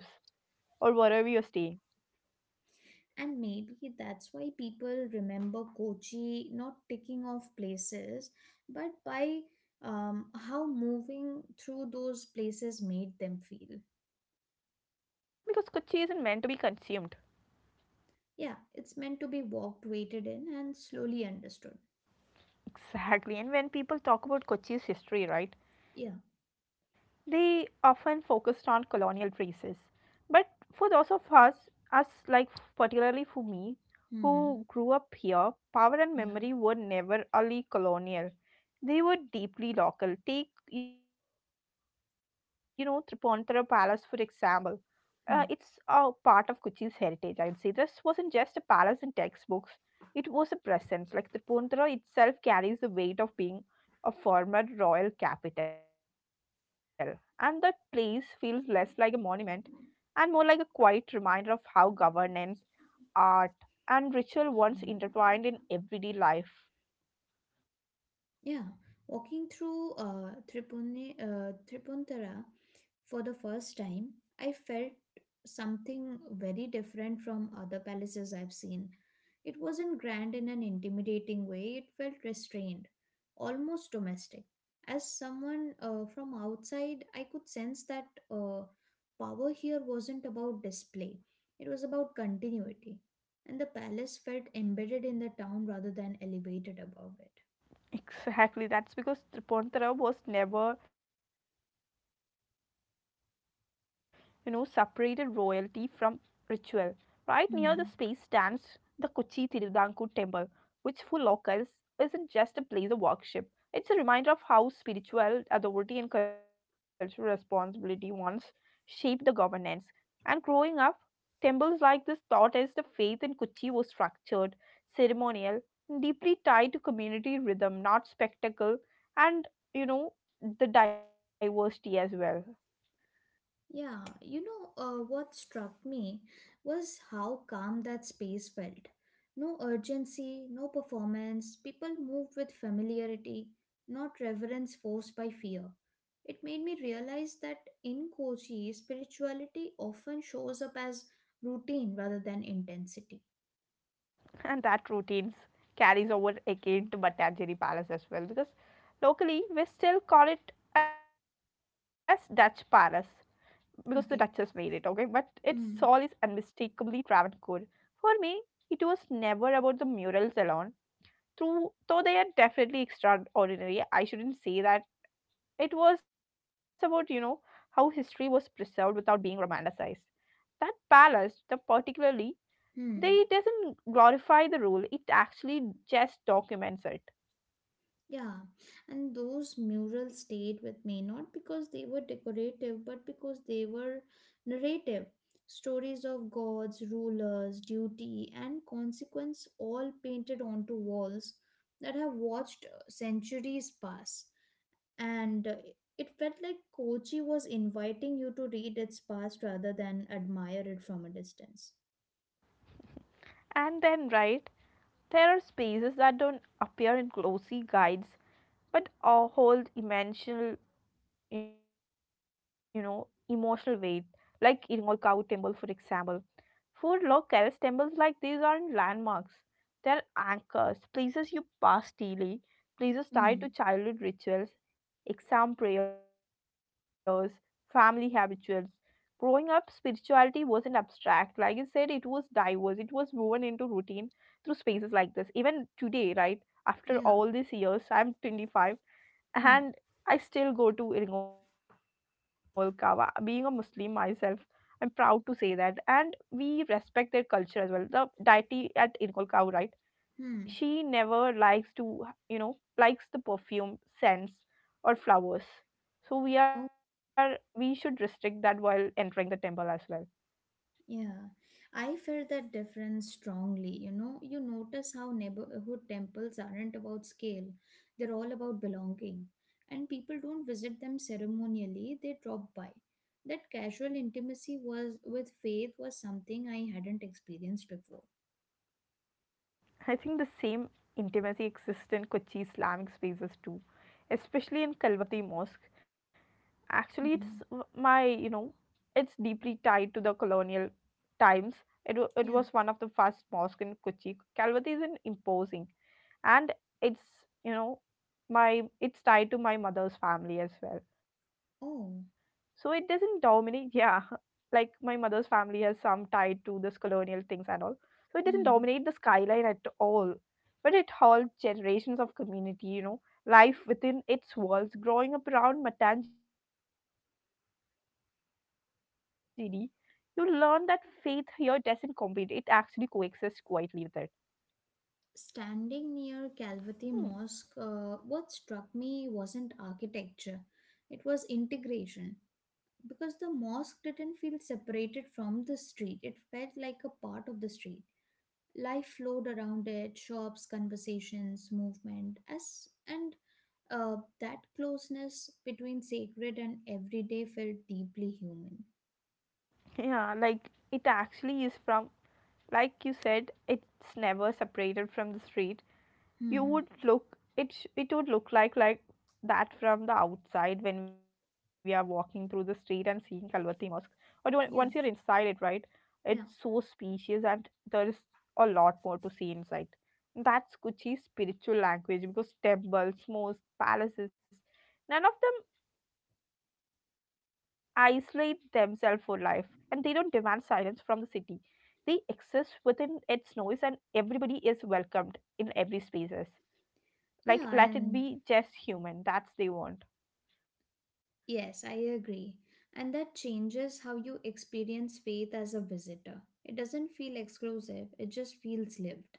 Speaker 1: or wherever you're staying.
Speaker 2: And maybe that's why people remember Kochi not ticking off places, but by how moving through those places made them feel.
Speaker 1: Because Kochi isn't meant to be consumed.
Speaker 2: Yeah, it's meant to be walked, waited in, and slowly understood.
Speaker 1: Exactly. And when people talk about Kochi's
Speaker 2: Yeah.
Speaker 1: history, right, they often focused on colonial traces. But for those of us, us like particularly for me,
Speaker 2: Hmm.
Speaker 1: who grew up here, power and
Speaker 2: Yeah.
Speaker 1: memory were never only colonial. They were deeply local. Take, you know, Tripantara Palace for example. It's a part of
Speaker 2: Hmm.
Speaker 1: Kochi's heritage, I would say. This wasn't just a palace in textbooks. It was a presence, like Tripundra itself carries the weight of being a former royal capital, and that place feels less like a monument and more like a quiet reminder of how governance, art, and ritual once intertwined in everyday life.
Speaker 2: Yeah, walking through Tripuntara for the first time, I felt something very different from other palaces I've seen. It wasn't grand in an intimidating way, it felt restrained, almost domestic. As someone from outside, I could sense that power here wasn't about display, it was about continuity. And the palace felt embedded in the town rather than elevated above it.
Speaker 1: Exactly, that's because Tripundra was never, you know, separated royalty from ritual. Right near the space stands the Kochi
Speaker 2: Hmm.
Speaker 1: Tirudanku temple, which for locals isn't just a place of worship. It's a reminder of how spiritual authority and cultural responsibility once shaped the governance. And growing up, temples like this taught us the faith in Kuchi was structured, ceremonial, and deeply tied to community rhythm, not spectacle, and you know, the diversity as well.
Speaker 2: Yeah, you know, what struck me was how calm that space felt. No urgency, no performance, people moved with familiarity, not reverence forced by fear. It made me realize that in Kochi, spirituality often shows up as routine rather than intensity.
Speaker 1: And that routines carries over again to Batanjeri Palace as well, because locally we still call it as Dutch Palace, because the Duchess made it, okay?
Speaker 2: Okay.
Speaker 1: But its soul is
Speaker 2: Mm.
Speaker 1: unmistakably Travancore. For me, it was never about the murals alone, through, though they are definitely extraordinary. I shouldn't say that. It was about, how history was preserved without being romanticized. That palace, the particularly they
Speaker 2: Hmm.
Speaker 1: doesn't glorify the rule, it actually just documents it.
Speaker 2: Yeah, and those murals stayed with me not because they were decorative, but because they were narrative. Stories of gods, rulers, duty, and consequence all painted onto walls that have watched centuries pass. And it felt like Kochi was inviting you to read its past rather than admire it from a distance.
Speaker 1: And then right, there are spaces that don't appear in glossy guides but all hold emotional, emotional weight, like Iringol cow temple for example. For locals, temples like these aren't landmarks. They're anchors, places you pass daily, places tied
Speaker 2: Hmm.
Speaker 1: to childhood rituals, exam prayers, family habituals. Growing up, spirituality wasn't abstract. Like you said, it was diverse, it was woven into routine through spaces like this. Even today, right, after all these
Speaker 2: Yeah.
Speaker 1: years, I'm 25, and
Speaker 2: Hmm.
Speaker 1: I still go to Ringol Kawa. Being a Muslim myself, I'm proud to say that. And we respect their culture as well. The deity at Ringol Kawa, right?
Speaker 2: Hmm.
Speaker 1: She never likes to, likes the perfume, scents, or flowers. So we should restrict that while entering the temple as well.
Speaker 2: Yeah, I felt that difference strongly. You know, you notice how neighborhood temples aren't about scale, they're all about belonging. And people don't visit them ceremonially, they drop by. That casual intimacy was with faith was something I hadn't experienced before.
Speaker 1: I think the same intimacy exists in Kochi Islamic spaces too, especially in Kalvati Mosque. Actually, it's
Speaker 2: Mhm.
Speaker 1: my you know it's deeply tied to the colonial times. It it
Speaker 2: Yeah.
Speaker 1: was one of the first mosque in Kochi. Calvati is an imposing, and it's, you know my, it's tied to my mother's family as well, so it
Speaker 2: Oh.
Speaker 1: doesn't dominate, yeah. (laughs) Like my mother's family has some tied to this colonial things and all. So it doesn't dominate the
Speaker 2: Hmm.
Speaker 1: skyline at all. But it holds generations of community, life within its walls. Growing up around Matanjiri, you learn that faith here doesn't compete, it actually coexists quietly with it. Hmm.
Speaker 2: Standing near Calvati Mosque, what struck me wasn't architecture, it was integration. Because the mosque didn't feel separated from the street, it felt like a part of the street, life flowed around it, shops, conversations, movement, as and that closeness between sacred and everyday felt deeply human.
Speaker 1: Yeah, like it actually is from, like you said, it's never separated from the street. You
Speaker 2: Hmm.
Speaker 1: would look it it would look like that from the outside when we are walking through the street and seeing Kalvati Mosque. But once you're
Speaker 2: Yeah.
Speaker 1: inside it, right, it's
Speaker 2: Yeah.
Speaker 1: so spacious and there is a lot more to see inside. That's Kuchi's spiritual language, because temples, mosques, palaces, none of them isolate themselves for life, and they don't demand silence from the city. They exist within its noise, and everybody is welcomed in every spaces, like
Speaker 2: Yeah.
Speaker 1: let it
Speaker 2: And
Speaker 1: be just human, that's they want.
Speaker 2: yes, I agree. And that changes how you experience faith as a visitor. It doesn't feel exclusive, it just feels lived.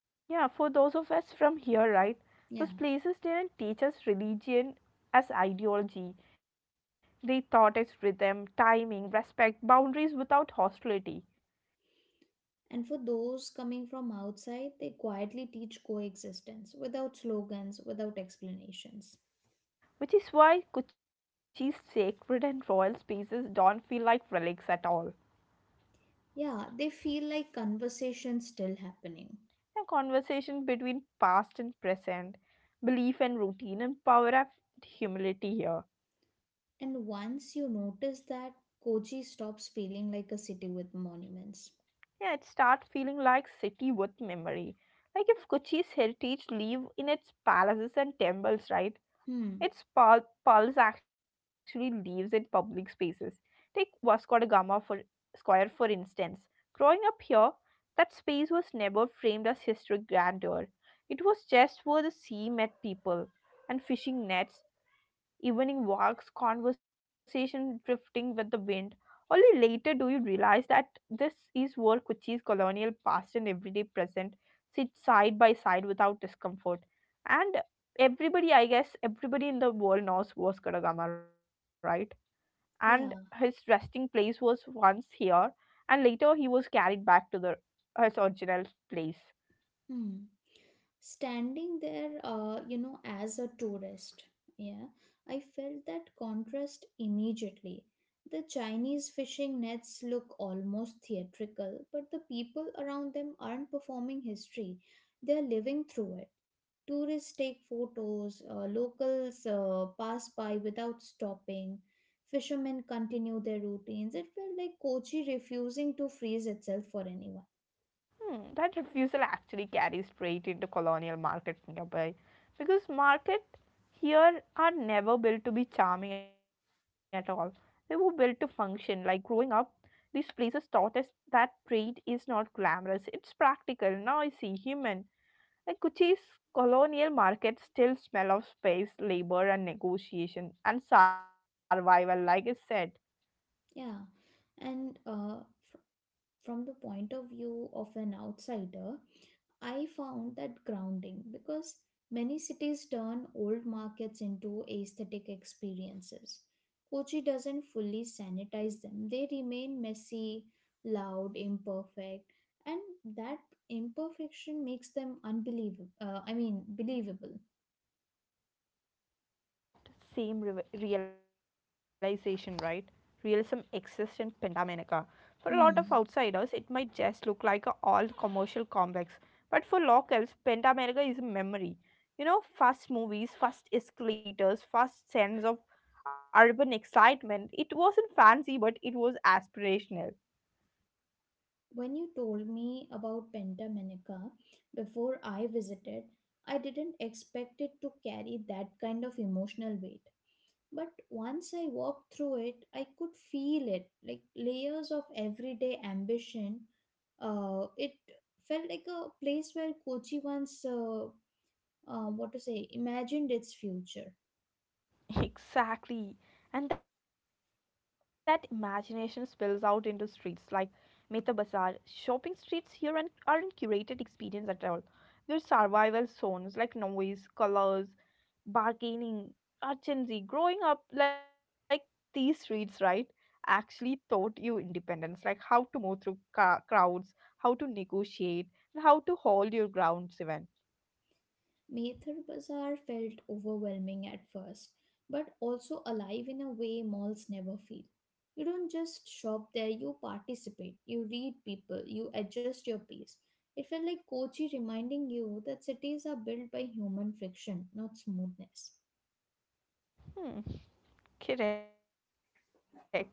Speaker 1: Yeah, for those of us from here, right, those
Speaker 2: Yeah.
Speaker 1: places didn't teach us religion as ideology. They taught us rhythm, timing, respect, boundaries without hostility,
Speaker 2: And for those coming from outside, they quietly teach coexistence without slogans, without explanations.
Speaker 1: which is why Kochi's sacred and royal spaces don't feel like relics at all.
Speaker 2: Yeah, they feel like conversations still happening.
Speaker 1: A conversation between past and present, belief and routine, and power of humility here.
Speaker 2: And once you notice that, Kochi stops feeling like a city with monuments.
Speaker 1: Yeah, it starts feeling like city with memory. Like if Kochi's heritage live in its palaces and temples, right?
Speaker 2: Hmm,
Speaker 1: Its pulse actually leaves in public spaces. Take Vasco da Gama for Square, for instance. Growing up here, that space was never framed as historic grandeur. It was just where the sea met people, and fishing nets, evening walks, conversation drifting with the wind. Only later do you realize that this is where Kochi's colonial past and everyday present sit side by side without discomfort. And everybody, I guess everybody in the world knows Vasco da Gama, right, and his
Speaker 2: yeah,
Speaker 1: resting place was once here, and later he was carried back to the his original place.
Speaker 2: hmm. Standing there you know, as a tourist, yeah, I felt that contrast immediately. The Chinese fishing nets look almost theatrical, but the people around them aren't performing history, they're living through it. Tourists take photos, locals pass by without stopping, fishermen continue their routines. It felt like Kochi refusing to freeze itself for anyone.
Speaker 1: Hmm, that refusal actually carries freight into colonial market nearby, because market here are never built to be charming at all. They were built to function. Like growing up, these places taught us that trade is not glamorous, it's practical, noisy, human. Like Kochi's colonial markets still smell of space, labor, and negotiation and survival, like I said.
Speaker 2: Yeah, and from the point of view of an outsider, I found that grounding because many cities turn old markets into aesthetic experiences. Kochi doesn't fully sanitize them, they remain messy, loud, imperfect, and that imperfection makes them unbelievable. I mean, believable.
Speaker 1: Same realization, right? Realism exists in Pandaminica. For a lot of
Speaker 2: Hmm.
Speaker 1: outsiders, it might just look like a old commercial complex, but for locals, Pandaminica is a memory. You know, first movies, first escalators, first sense of urban excitement. It wasn't fancy, but it was aspirational.
Speaker 2: When you told me about Pentamenica before I visited, I didn't expect it to carry that kind of emotional weight. But once I walked through it, I could feel it, like layers of everyday ambition. It felt like a place where Kochi once, what to say, imagined its future.
Speaker 1: (laughs) Exactly. And that imagination spills out into streets like Mehta Bazaar. Shopping streets here aren't curated experience at all. They're survival zones, like noise, colors, bargaining, urgency. Growing up like these streets, right, actually taught you independence, like how to move through crowds, how to negotiate, and how to hold your grounds even.
Speaker 2: Mather Bazaar felt overwhelming at first, but also alive in a way malls never feel. You don't just shop there, you participate, you read people, you adjust your pace. It felt like Kochi reminding you that cities are built by human friction, not smoothness.
Speaker 1: Hmm, correct. And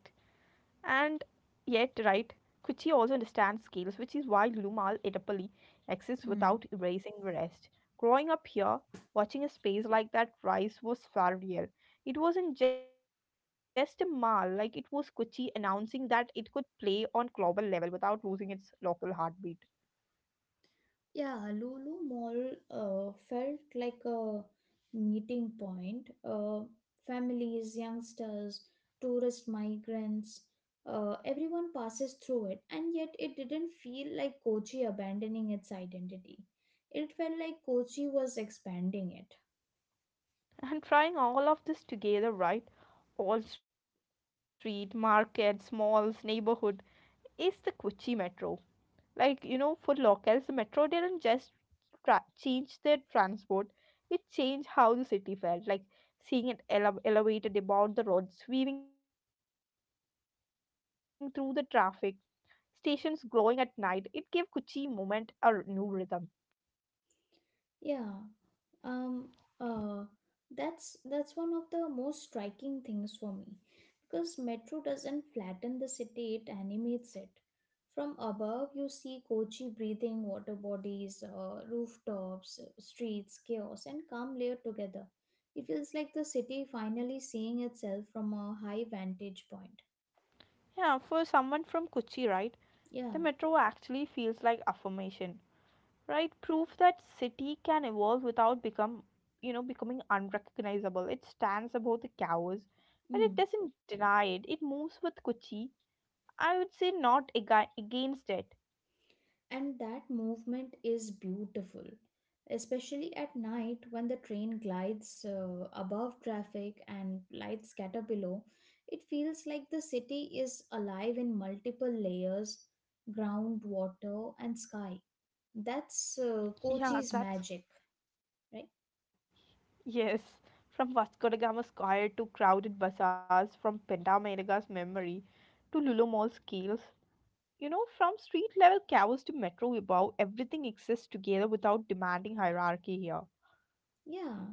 Speaker 1: yet, right, Kuchi also understands scales, which is why Lulumal Edapally exists
Speaker 2: Hmm.
Speaker 1: without erasing the rest. Growing up here, watching a space like that rise was surreal. It wasn't just a mall, like it was Kuchi announcing that it could play on global level without losing its local heartbeat.
Speaker 2: Yeah, Lulu Mall felt like a meeting point. Families, youngsters, tourist migrants, everyone passes through it, and yet it didn't feel like Kochi abandoning its identity. It felt like Kochi was expanding it.
Speaker 1: And trying all of this together, right? All street, markets, malls, neighborhood is the Kuchi Metro. Like, you know, for locals, the metro didn't just change their transport, it changed how the city felt. Like, seeing it elevated about the roads, weaving through the traffic, stations glowing at night, it gave Kochi moment a new rhythm.
Speaker 2: Yeah, um uh that's one of the most striking things for me, because metro doesn't flatten the city, it animates it. From above, you see Kochi breathing, water bodies, rooftops, streets, chaos and calm layered together. It feels like the city finally seeing itself from a high vantage point.
Speaker 1: Yeah, for someone from Kochi, right,
Speaker 2: Yeah.
Speaker 1: the metro actually feels like affirmation. Right, proof that city can evolve without become you know becoming unrecognizable. It stands above the cows, but it
Speaker 2: Mm.
Speaker 1: doesn't deny it, it moves with Kuchi, I would say, not against it.
Speaker 2: And that movement is beautiful, especially at night, when the train glides above traffic and lights scatter below. It feels like the city is alive in multiple layers, ground, water, and sky. That's
Speaker 1: Yeah, that's
Speaker 2: Kochi's magic. Right.
Speaker 1: yes. From Vasco da Gama square to crowded bazaars, from Pentamerga's memory to Lulu Mall scales, from street level cows to metro above, everything exists together without demanding hierarchy here.
Speaker 2: Yeah,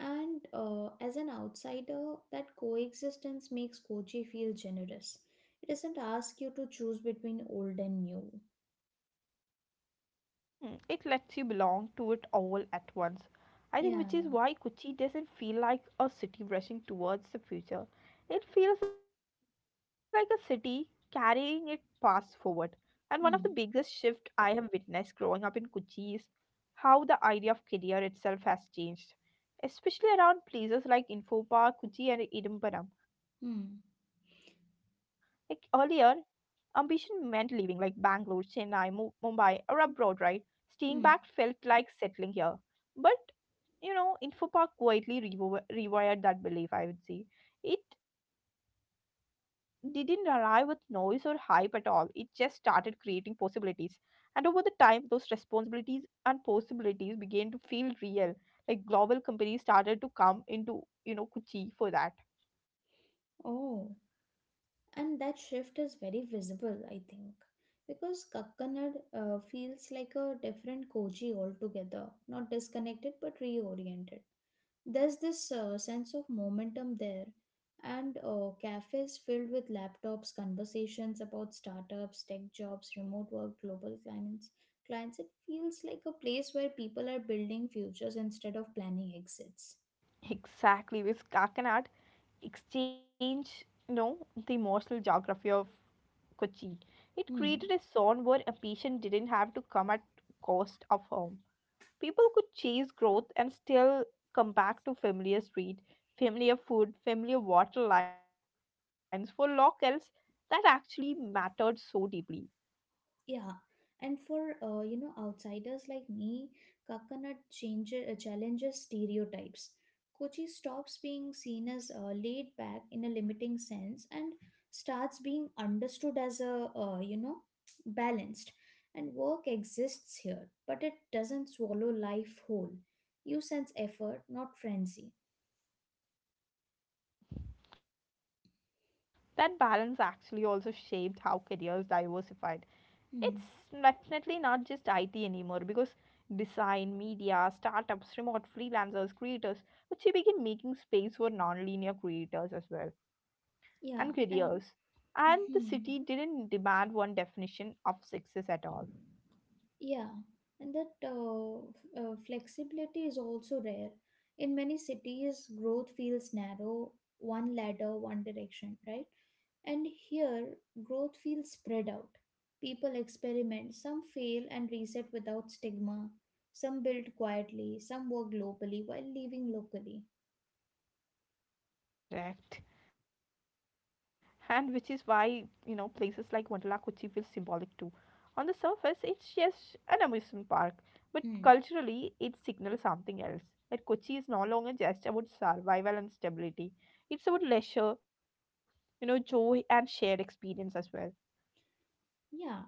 Speaker 2: and as an outsider, that coexistence makes Kochi feel generous. It doesn't ask you to choose between old and new.
Speaker 1: Mm, it lets you belong to it all at once. I think which is
Speaker 2: Yeah.
Speaker 1: why Kochi doesn't feel like a city rushing towards the future. It feels like a city carrying its past forward. And one of the biggest
Speaker 2: Hmm.
Speaker 1: shifts I have witnessed growing up in Kochi is how the idea of career itself has changed, especially around places like Info Park, Kochi, and Idambaram. Like
Speaker 2: Hmm.
Speaker 1: earlier, ambition meant leaving, like Bangalore, Chennai, Mumbai, or abroad, right? Staying back
Speaker 2: Hmm.
Speaker 1: felt like settling here. But, Infopark quietly rewired that belief, I would say. It didn't arrive with noise or hype at all, it just started creating possibilities. And over the time, those responsibilities and possibilities began to feel real. Like global companies started to come into, Kuchi for that.
Speaker 2: Oh, and that shift is very visible, I think, because Kakkanad feels like a different Koji altogether, not disconnected but reoriented. There's this sense of momentum there, and cafes filled with laptops, conversations about startups, tech jobs, remote work, global clients. Clients, it feels like a place where people are building futures instead of planning exits.
Speaker 1: Exactly, with Kakanad, exchange, the emotional geography of Kochi. It created a
Speaker 2: Hmm.
Speaker 1: zone where a patient didn't have to come at cost of home. People could chase growth and still come back to familiar street, familiar food, familiar water lines. For locals, that actually mattered so deeply.
Speaker 2: Yeah, and for you know, outsiders like me, coconut changes challenges stereotypes. Kochi stops being seen as laid back in a limiting sense and starts being understood as a you know, balanced. And work exists here, but it doesn't swallow life whole. You sense effort, not frenzy.
Speaker 1: That balance actually also shaped how careers diversified. It's definitely not
Speaker 2: Hmm.
Speaker 1: just IT anymore, because design, media, startups, remote freelancers, creators, which they begin making space for non-linear creators as well and
Speaker 2: Yeah,
Speaker 1: careers.
Speaker 2: and
Speaker 1: And the city
Speaker 2: hmm.
Speaker 1: didn't demand one definition of success at all.
Speaker 2: Yeah, and that flexibility is also rare. In many cities, growth feels narrow, one ladder, one direction, right? And here, growth feels spread out. People experiment, some fail and reset without stigma, some build quietly, some work globally while leaving locally.
Speaker 1: Correct. And which is why, places like Wonderla Kochi feel symbolic too. On the surface, it's just an amusement park, but
Speaker 2: Hmm.
Speaker 1: culturally, it signals something else. That Kochi is no longer just about survival and stability, it's about leisure, joy and shared experience as well.
Speaker 2: Yeah,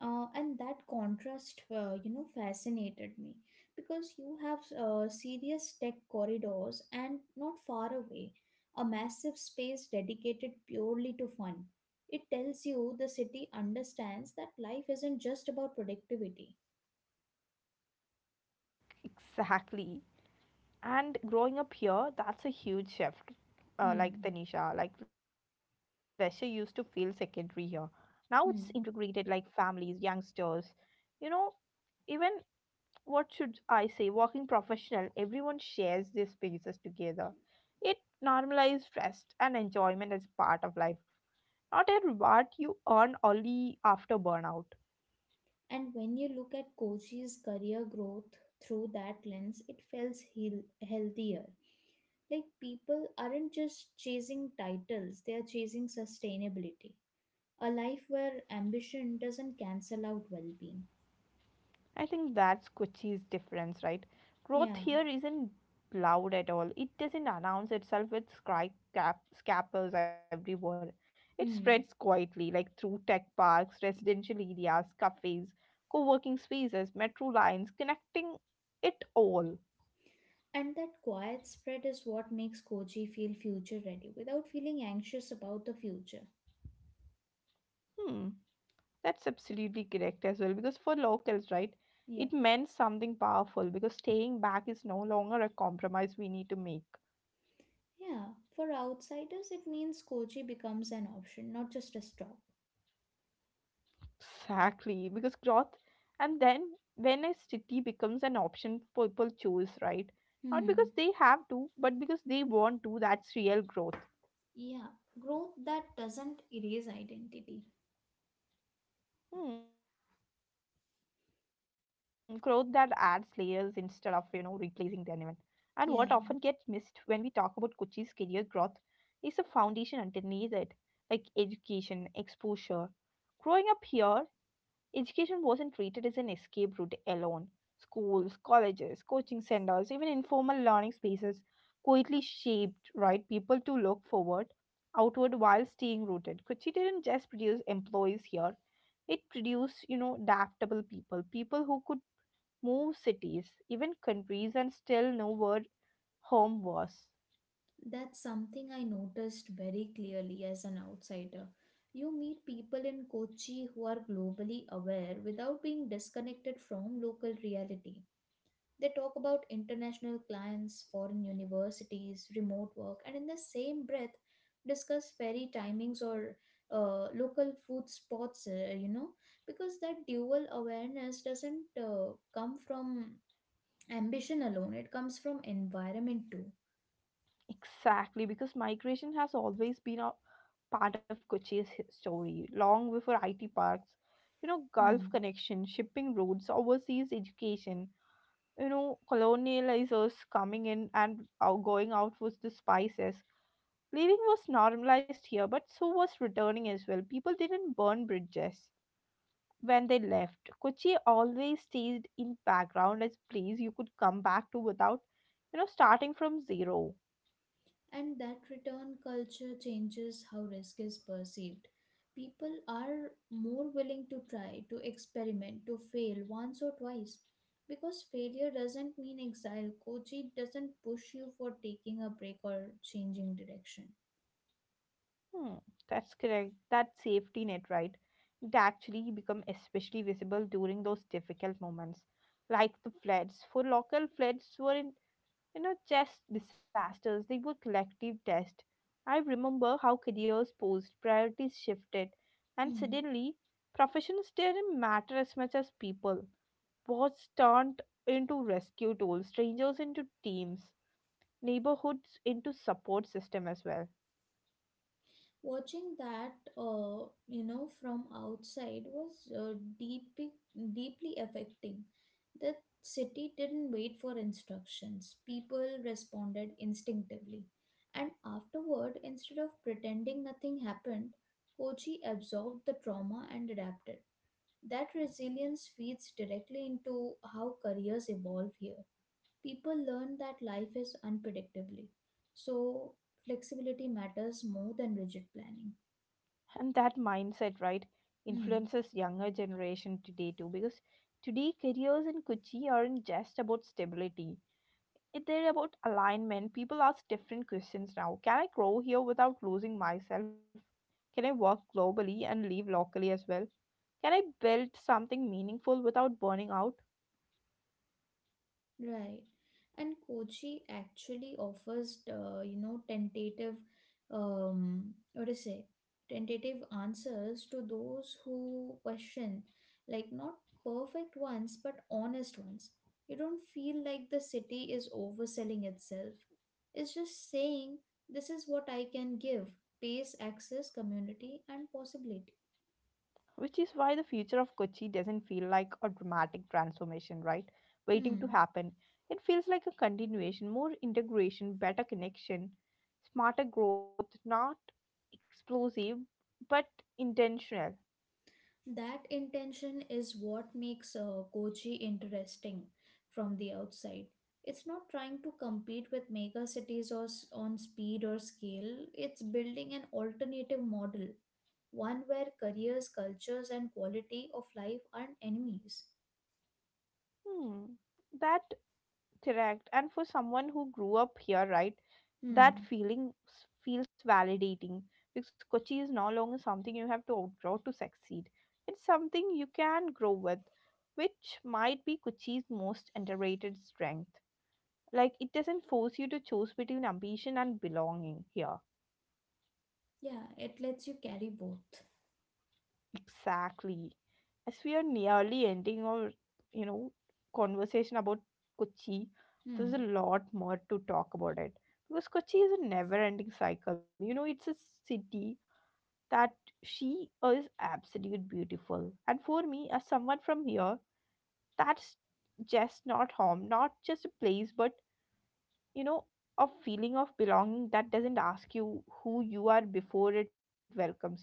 Speaker 2: and that contrast, you know, fascinated me because you have serious tech corridors and not far away, a massive space dedicated purely to fun. It tells you the city understands that life isn't just about productivity.
Speaker 1: Exactly. And growing up here, that's a huge shift. Like
Speaker 2: Hmm.
Speaker 1: Tanisha, like leisure used to feel secondary here, now it's integrated,
Speaker 2: Hmm.
Speaker 1: like families, youngsters, you know even what should I say, working professional, everyone shares their spaces together. It normalizes rest and enjoyment as part of life, not a reward you earn only after burnout.
Speaker 2: And when you look at Kochi's career growth through that lens, it feels healthier. Like people aren't just chasing titles, they are chasing sustainability. A life where ambition doesn't cancel out well being.
Speaker 1: I think that's Kochi's difference, right?
Speaker 2: Yeah.
Speaker 1: Growth here isn't loud at all. It doesn't announce itself with sky cap scalpers everywhere. It spreads
Speaker 2: Hmm.
Speaker 1: quietly, like through tech parks, residential areas, cafes, co-working spaces, metro lines, connecting it all.
Speaker 2: And that quiet spread is what makes Koji feel future ready without feeling anxious about the future.
Speaker 1: Hmm, that's absolutely correct as well. Because for locals, right,
Speaker 2: Yeah.
Speaker 1: it meant something powerful. Because staying back is no longer a compromise we need to make.
Speaker 2: Yeah. For outsiders, it means Koji becomes an option, not just a stop.
Speaker 1: Exactly, because growth, and then when a city becomes an option, people choose, right? Not because
Speaker 2: Hmm.
Speaker 1: they have to, but because they want to, that's real growth.
Speaker 2: Yeah. Growth that doesn't erase identity.
Speaker 1: Hmm, growth that adds layers instead of, replacing them even. And what often gets missed when we talk
Speaker 2: Yeah.
Speaker 1: about Kochi's career growth is the foundation underneath it, like education, exposure. Growing up here, education wasn't treated as an escape route alone. Schools, colleges, coaching centers, even informal learning spaces quietly shaped right people to look forward, outward while staying rooted. Kochi didn't just produce employees here; it produced, adaptable people, people who could move cities, even countries, and still know where home was.
Speaker 2: That's something I noticed very clearly as an outsider. You meet people in Kochi who are globally aware without being disconnected from local reality. They talk about international clients, foreign universities, remote work, and in the same breath, discuss ferry timings or local food spots, you know, because that dual awareness doesn't come from ambition alone, it comes from environment too.
Speaker 1: Exactly, because migration has always been a part of Kochi's story, long before IT parks. You know, Gulf
Speaker 2: Hmm.
Speaker 1: connection, shipping routes, overseas education. You know, colonializers coming in and out, going out with the spices. Leaving was normalized here, but so was returning as well. People didn't burn bridges when they left. Kochi always stayed in background as place you could come back to without, starting from zero.
Speaker 2: And that return culture changes how risk is perceived. People are more willing to try, to experiment, to fail once or twice. Because failure doesn't mean exile, Kochi doesn't push you for taking a break or changing direction.
Speaker 1: Hmm, that's correct. That safety net, right? It actually become especially visible during those difficult moments, like the floods. For local floods weren't, just disasters. They were collective tests. I remember how careers posed, priorities shifted, and
Speaker 2: Hmm.
Speaker 1: suddenly professions didn't matter as much as people. Was turned into rescue tools, strangers into teams, neighborhoods into support system as well.
Speaker 2: Watching that, you know, from outside was deep, deeply affecting. The city didn't wait for instructions. People responded instinctively. And afterward, instead of pretending nothing happened, Kochi absorbed the trauma and adapted. That resilience feeds directly into how careers evolve here. People learn that life is unpredictably. So, flexibility matters more than rigid planning.
Speaker 1: And that mindset, right,
Speaker 2: Hmm.
Speaker 1: influences younger generation today too, because today careers in Kochi aren't just about stability, they're about alignment. People ask different questions now. Can I grow here without losing myself? Can I work globally and live locally as well? Can I build something meaningful without burning out?
Speaker 2: Right. And Kochi actually offers, you know, tentative, what to say, tentative answers to those who question, like not perfect ones, but honest ones. You don't feel like the city is overselling itself. It's just saying, this is what I can give, pace, access, community, and possibility.
Speaker 1: Which is why the future of Kochi doesn't feel like a dramatic transformation, right? Waiting to
Speaker 2: Hmm.
Speaker 1: happen. It feels like a continuation, more integration, better connection, smarter growth, not explosive, but intentional.
Speaker 2: That intention is what makes Kochi interesting from the outside. It's not trying to compete with mega cities or on speed or scale. It's building an alternative model, one where careers, cultures, and quality of life aren't enemies.
Speaker 1: Hmm. That correct. And for someone who grew up here, right, that
Speaker 2: Hmm.
Speaker 1: feeling feels validating, because Kochi is no longer something you have to outgrow to succeed. It's something you can grow with, which might be Kochi's most underrated strength. Like, it doesn't force you to choose between ambition and belonging here.
Speaker 2: Yeah, it lets you carry both.
Speaker 1: Exactly. As we are nearly ending our, you know, conversation about Kochi, there's a
Speaker 2: Hmm.
Speaker 1: lot more to talk about it. Because Kochi is a never-ending cycle. You know, it's a city that she is absolutely beautiful. And for me, as someone from here, that's just not home, not just a place, but, you know, a feeling of belonging that doesn't ask you who you are before it welcomes you.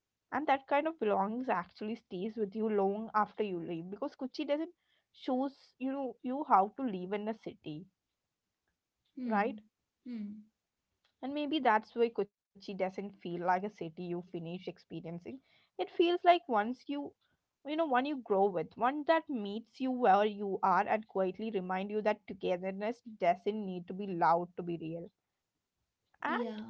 Speaker 1: And that kind of belongings actually stays with you long after you leave, because Kuchi doesn't shows, you how to live in a city,
Speaker 2: Hmm.
Speaker 1: right?
Speaker 2: Hmm.
Speaker 1: And maybe that's why Kochi doesn't feel like a city you finish experiencing. It feels like once you, you know one you grow with, one that meets you where you are and quietly remind you that togetherness doesn't need to be loud to be real. And
Speaker 2: Yeah.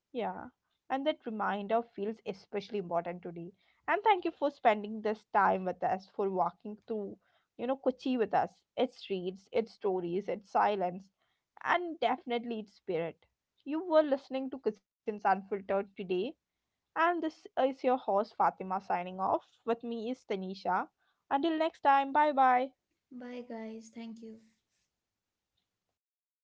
Speaker 1: yeah, and that reminder feels especially important today. And thank you for spending this time with us, for walking through, Kochi with us, its streets, its stories, its silence, and definitely its spirit. You were listening to Cousins Unfiltered today, and this is your host Fatima signing off. With me is Tanisha. Until next time, bye bye.
Speaker 2: Bye, guys. Thank you.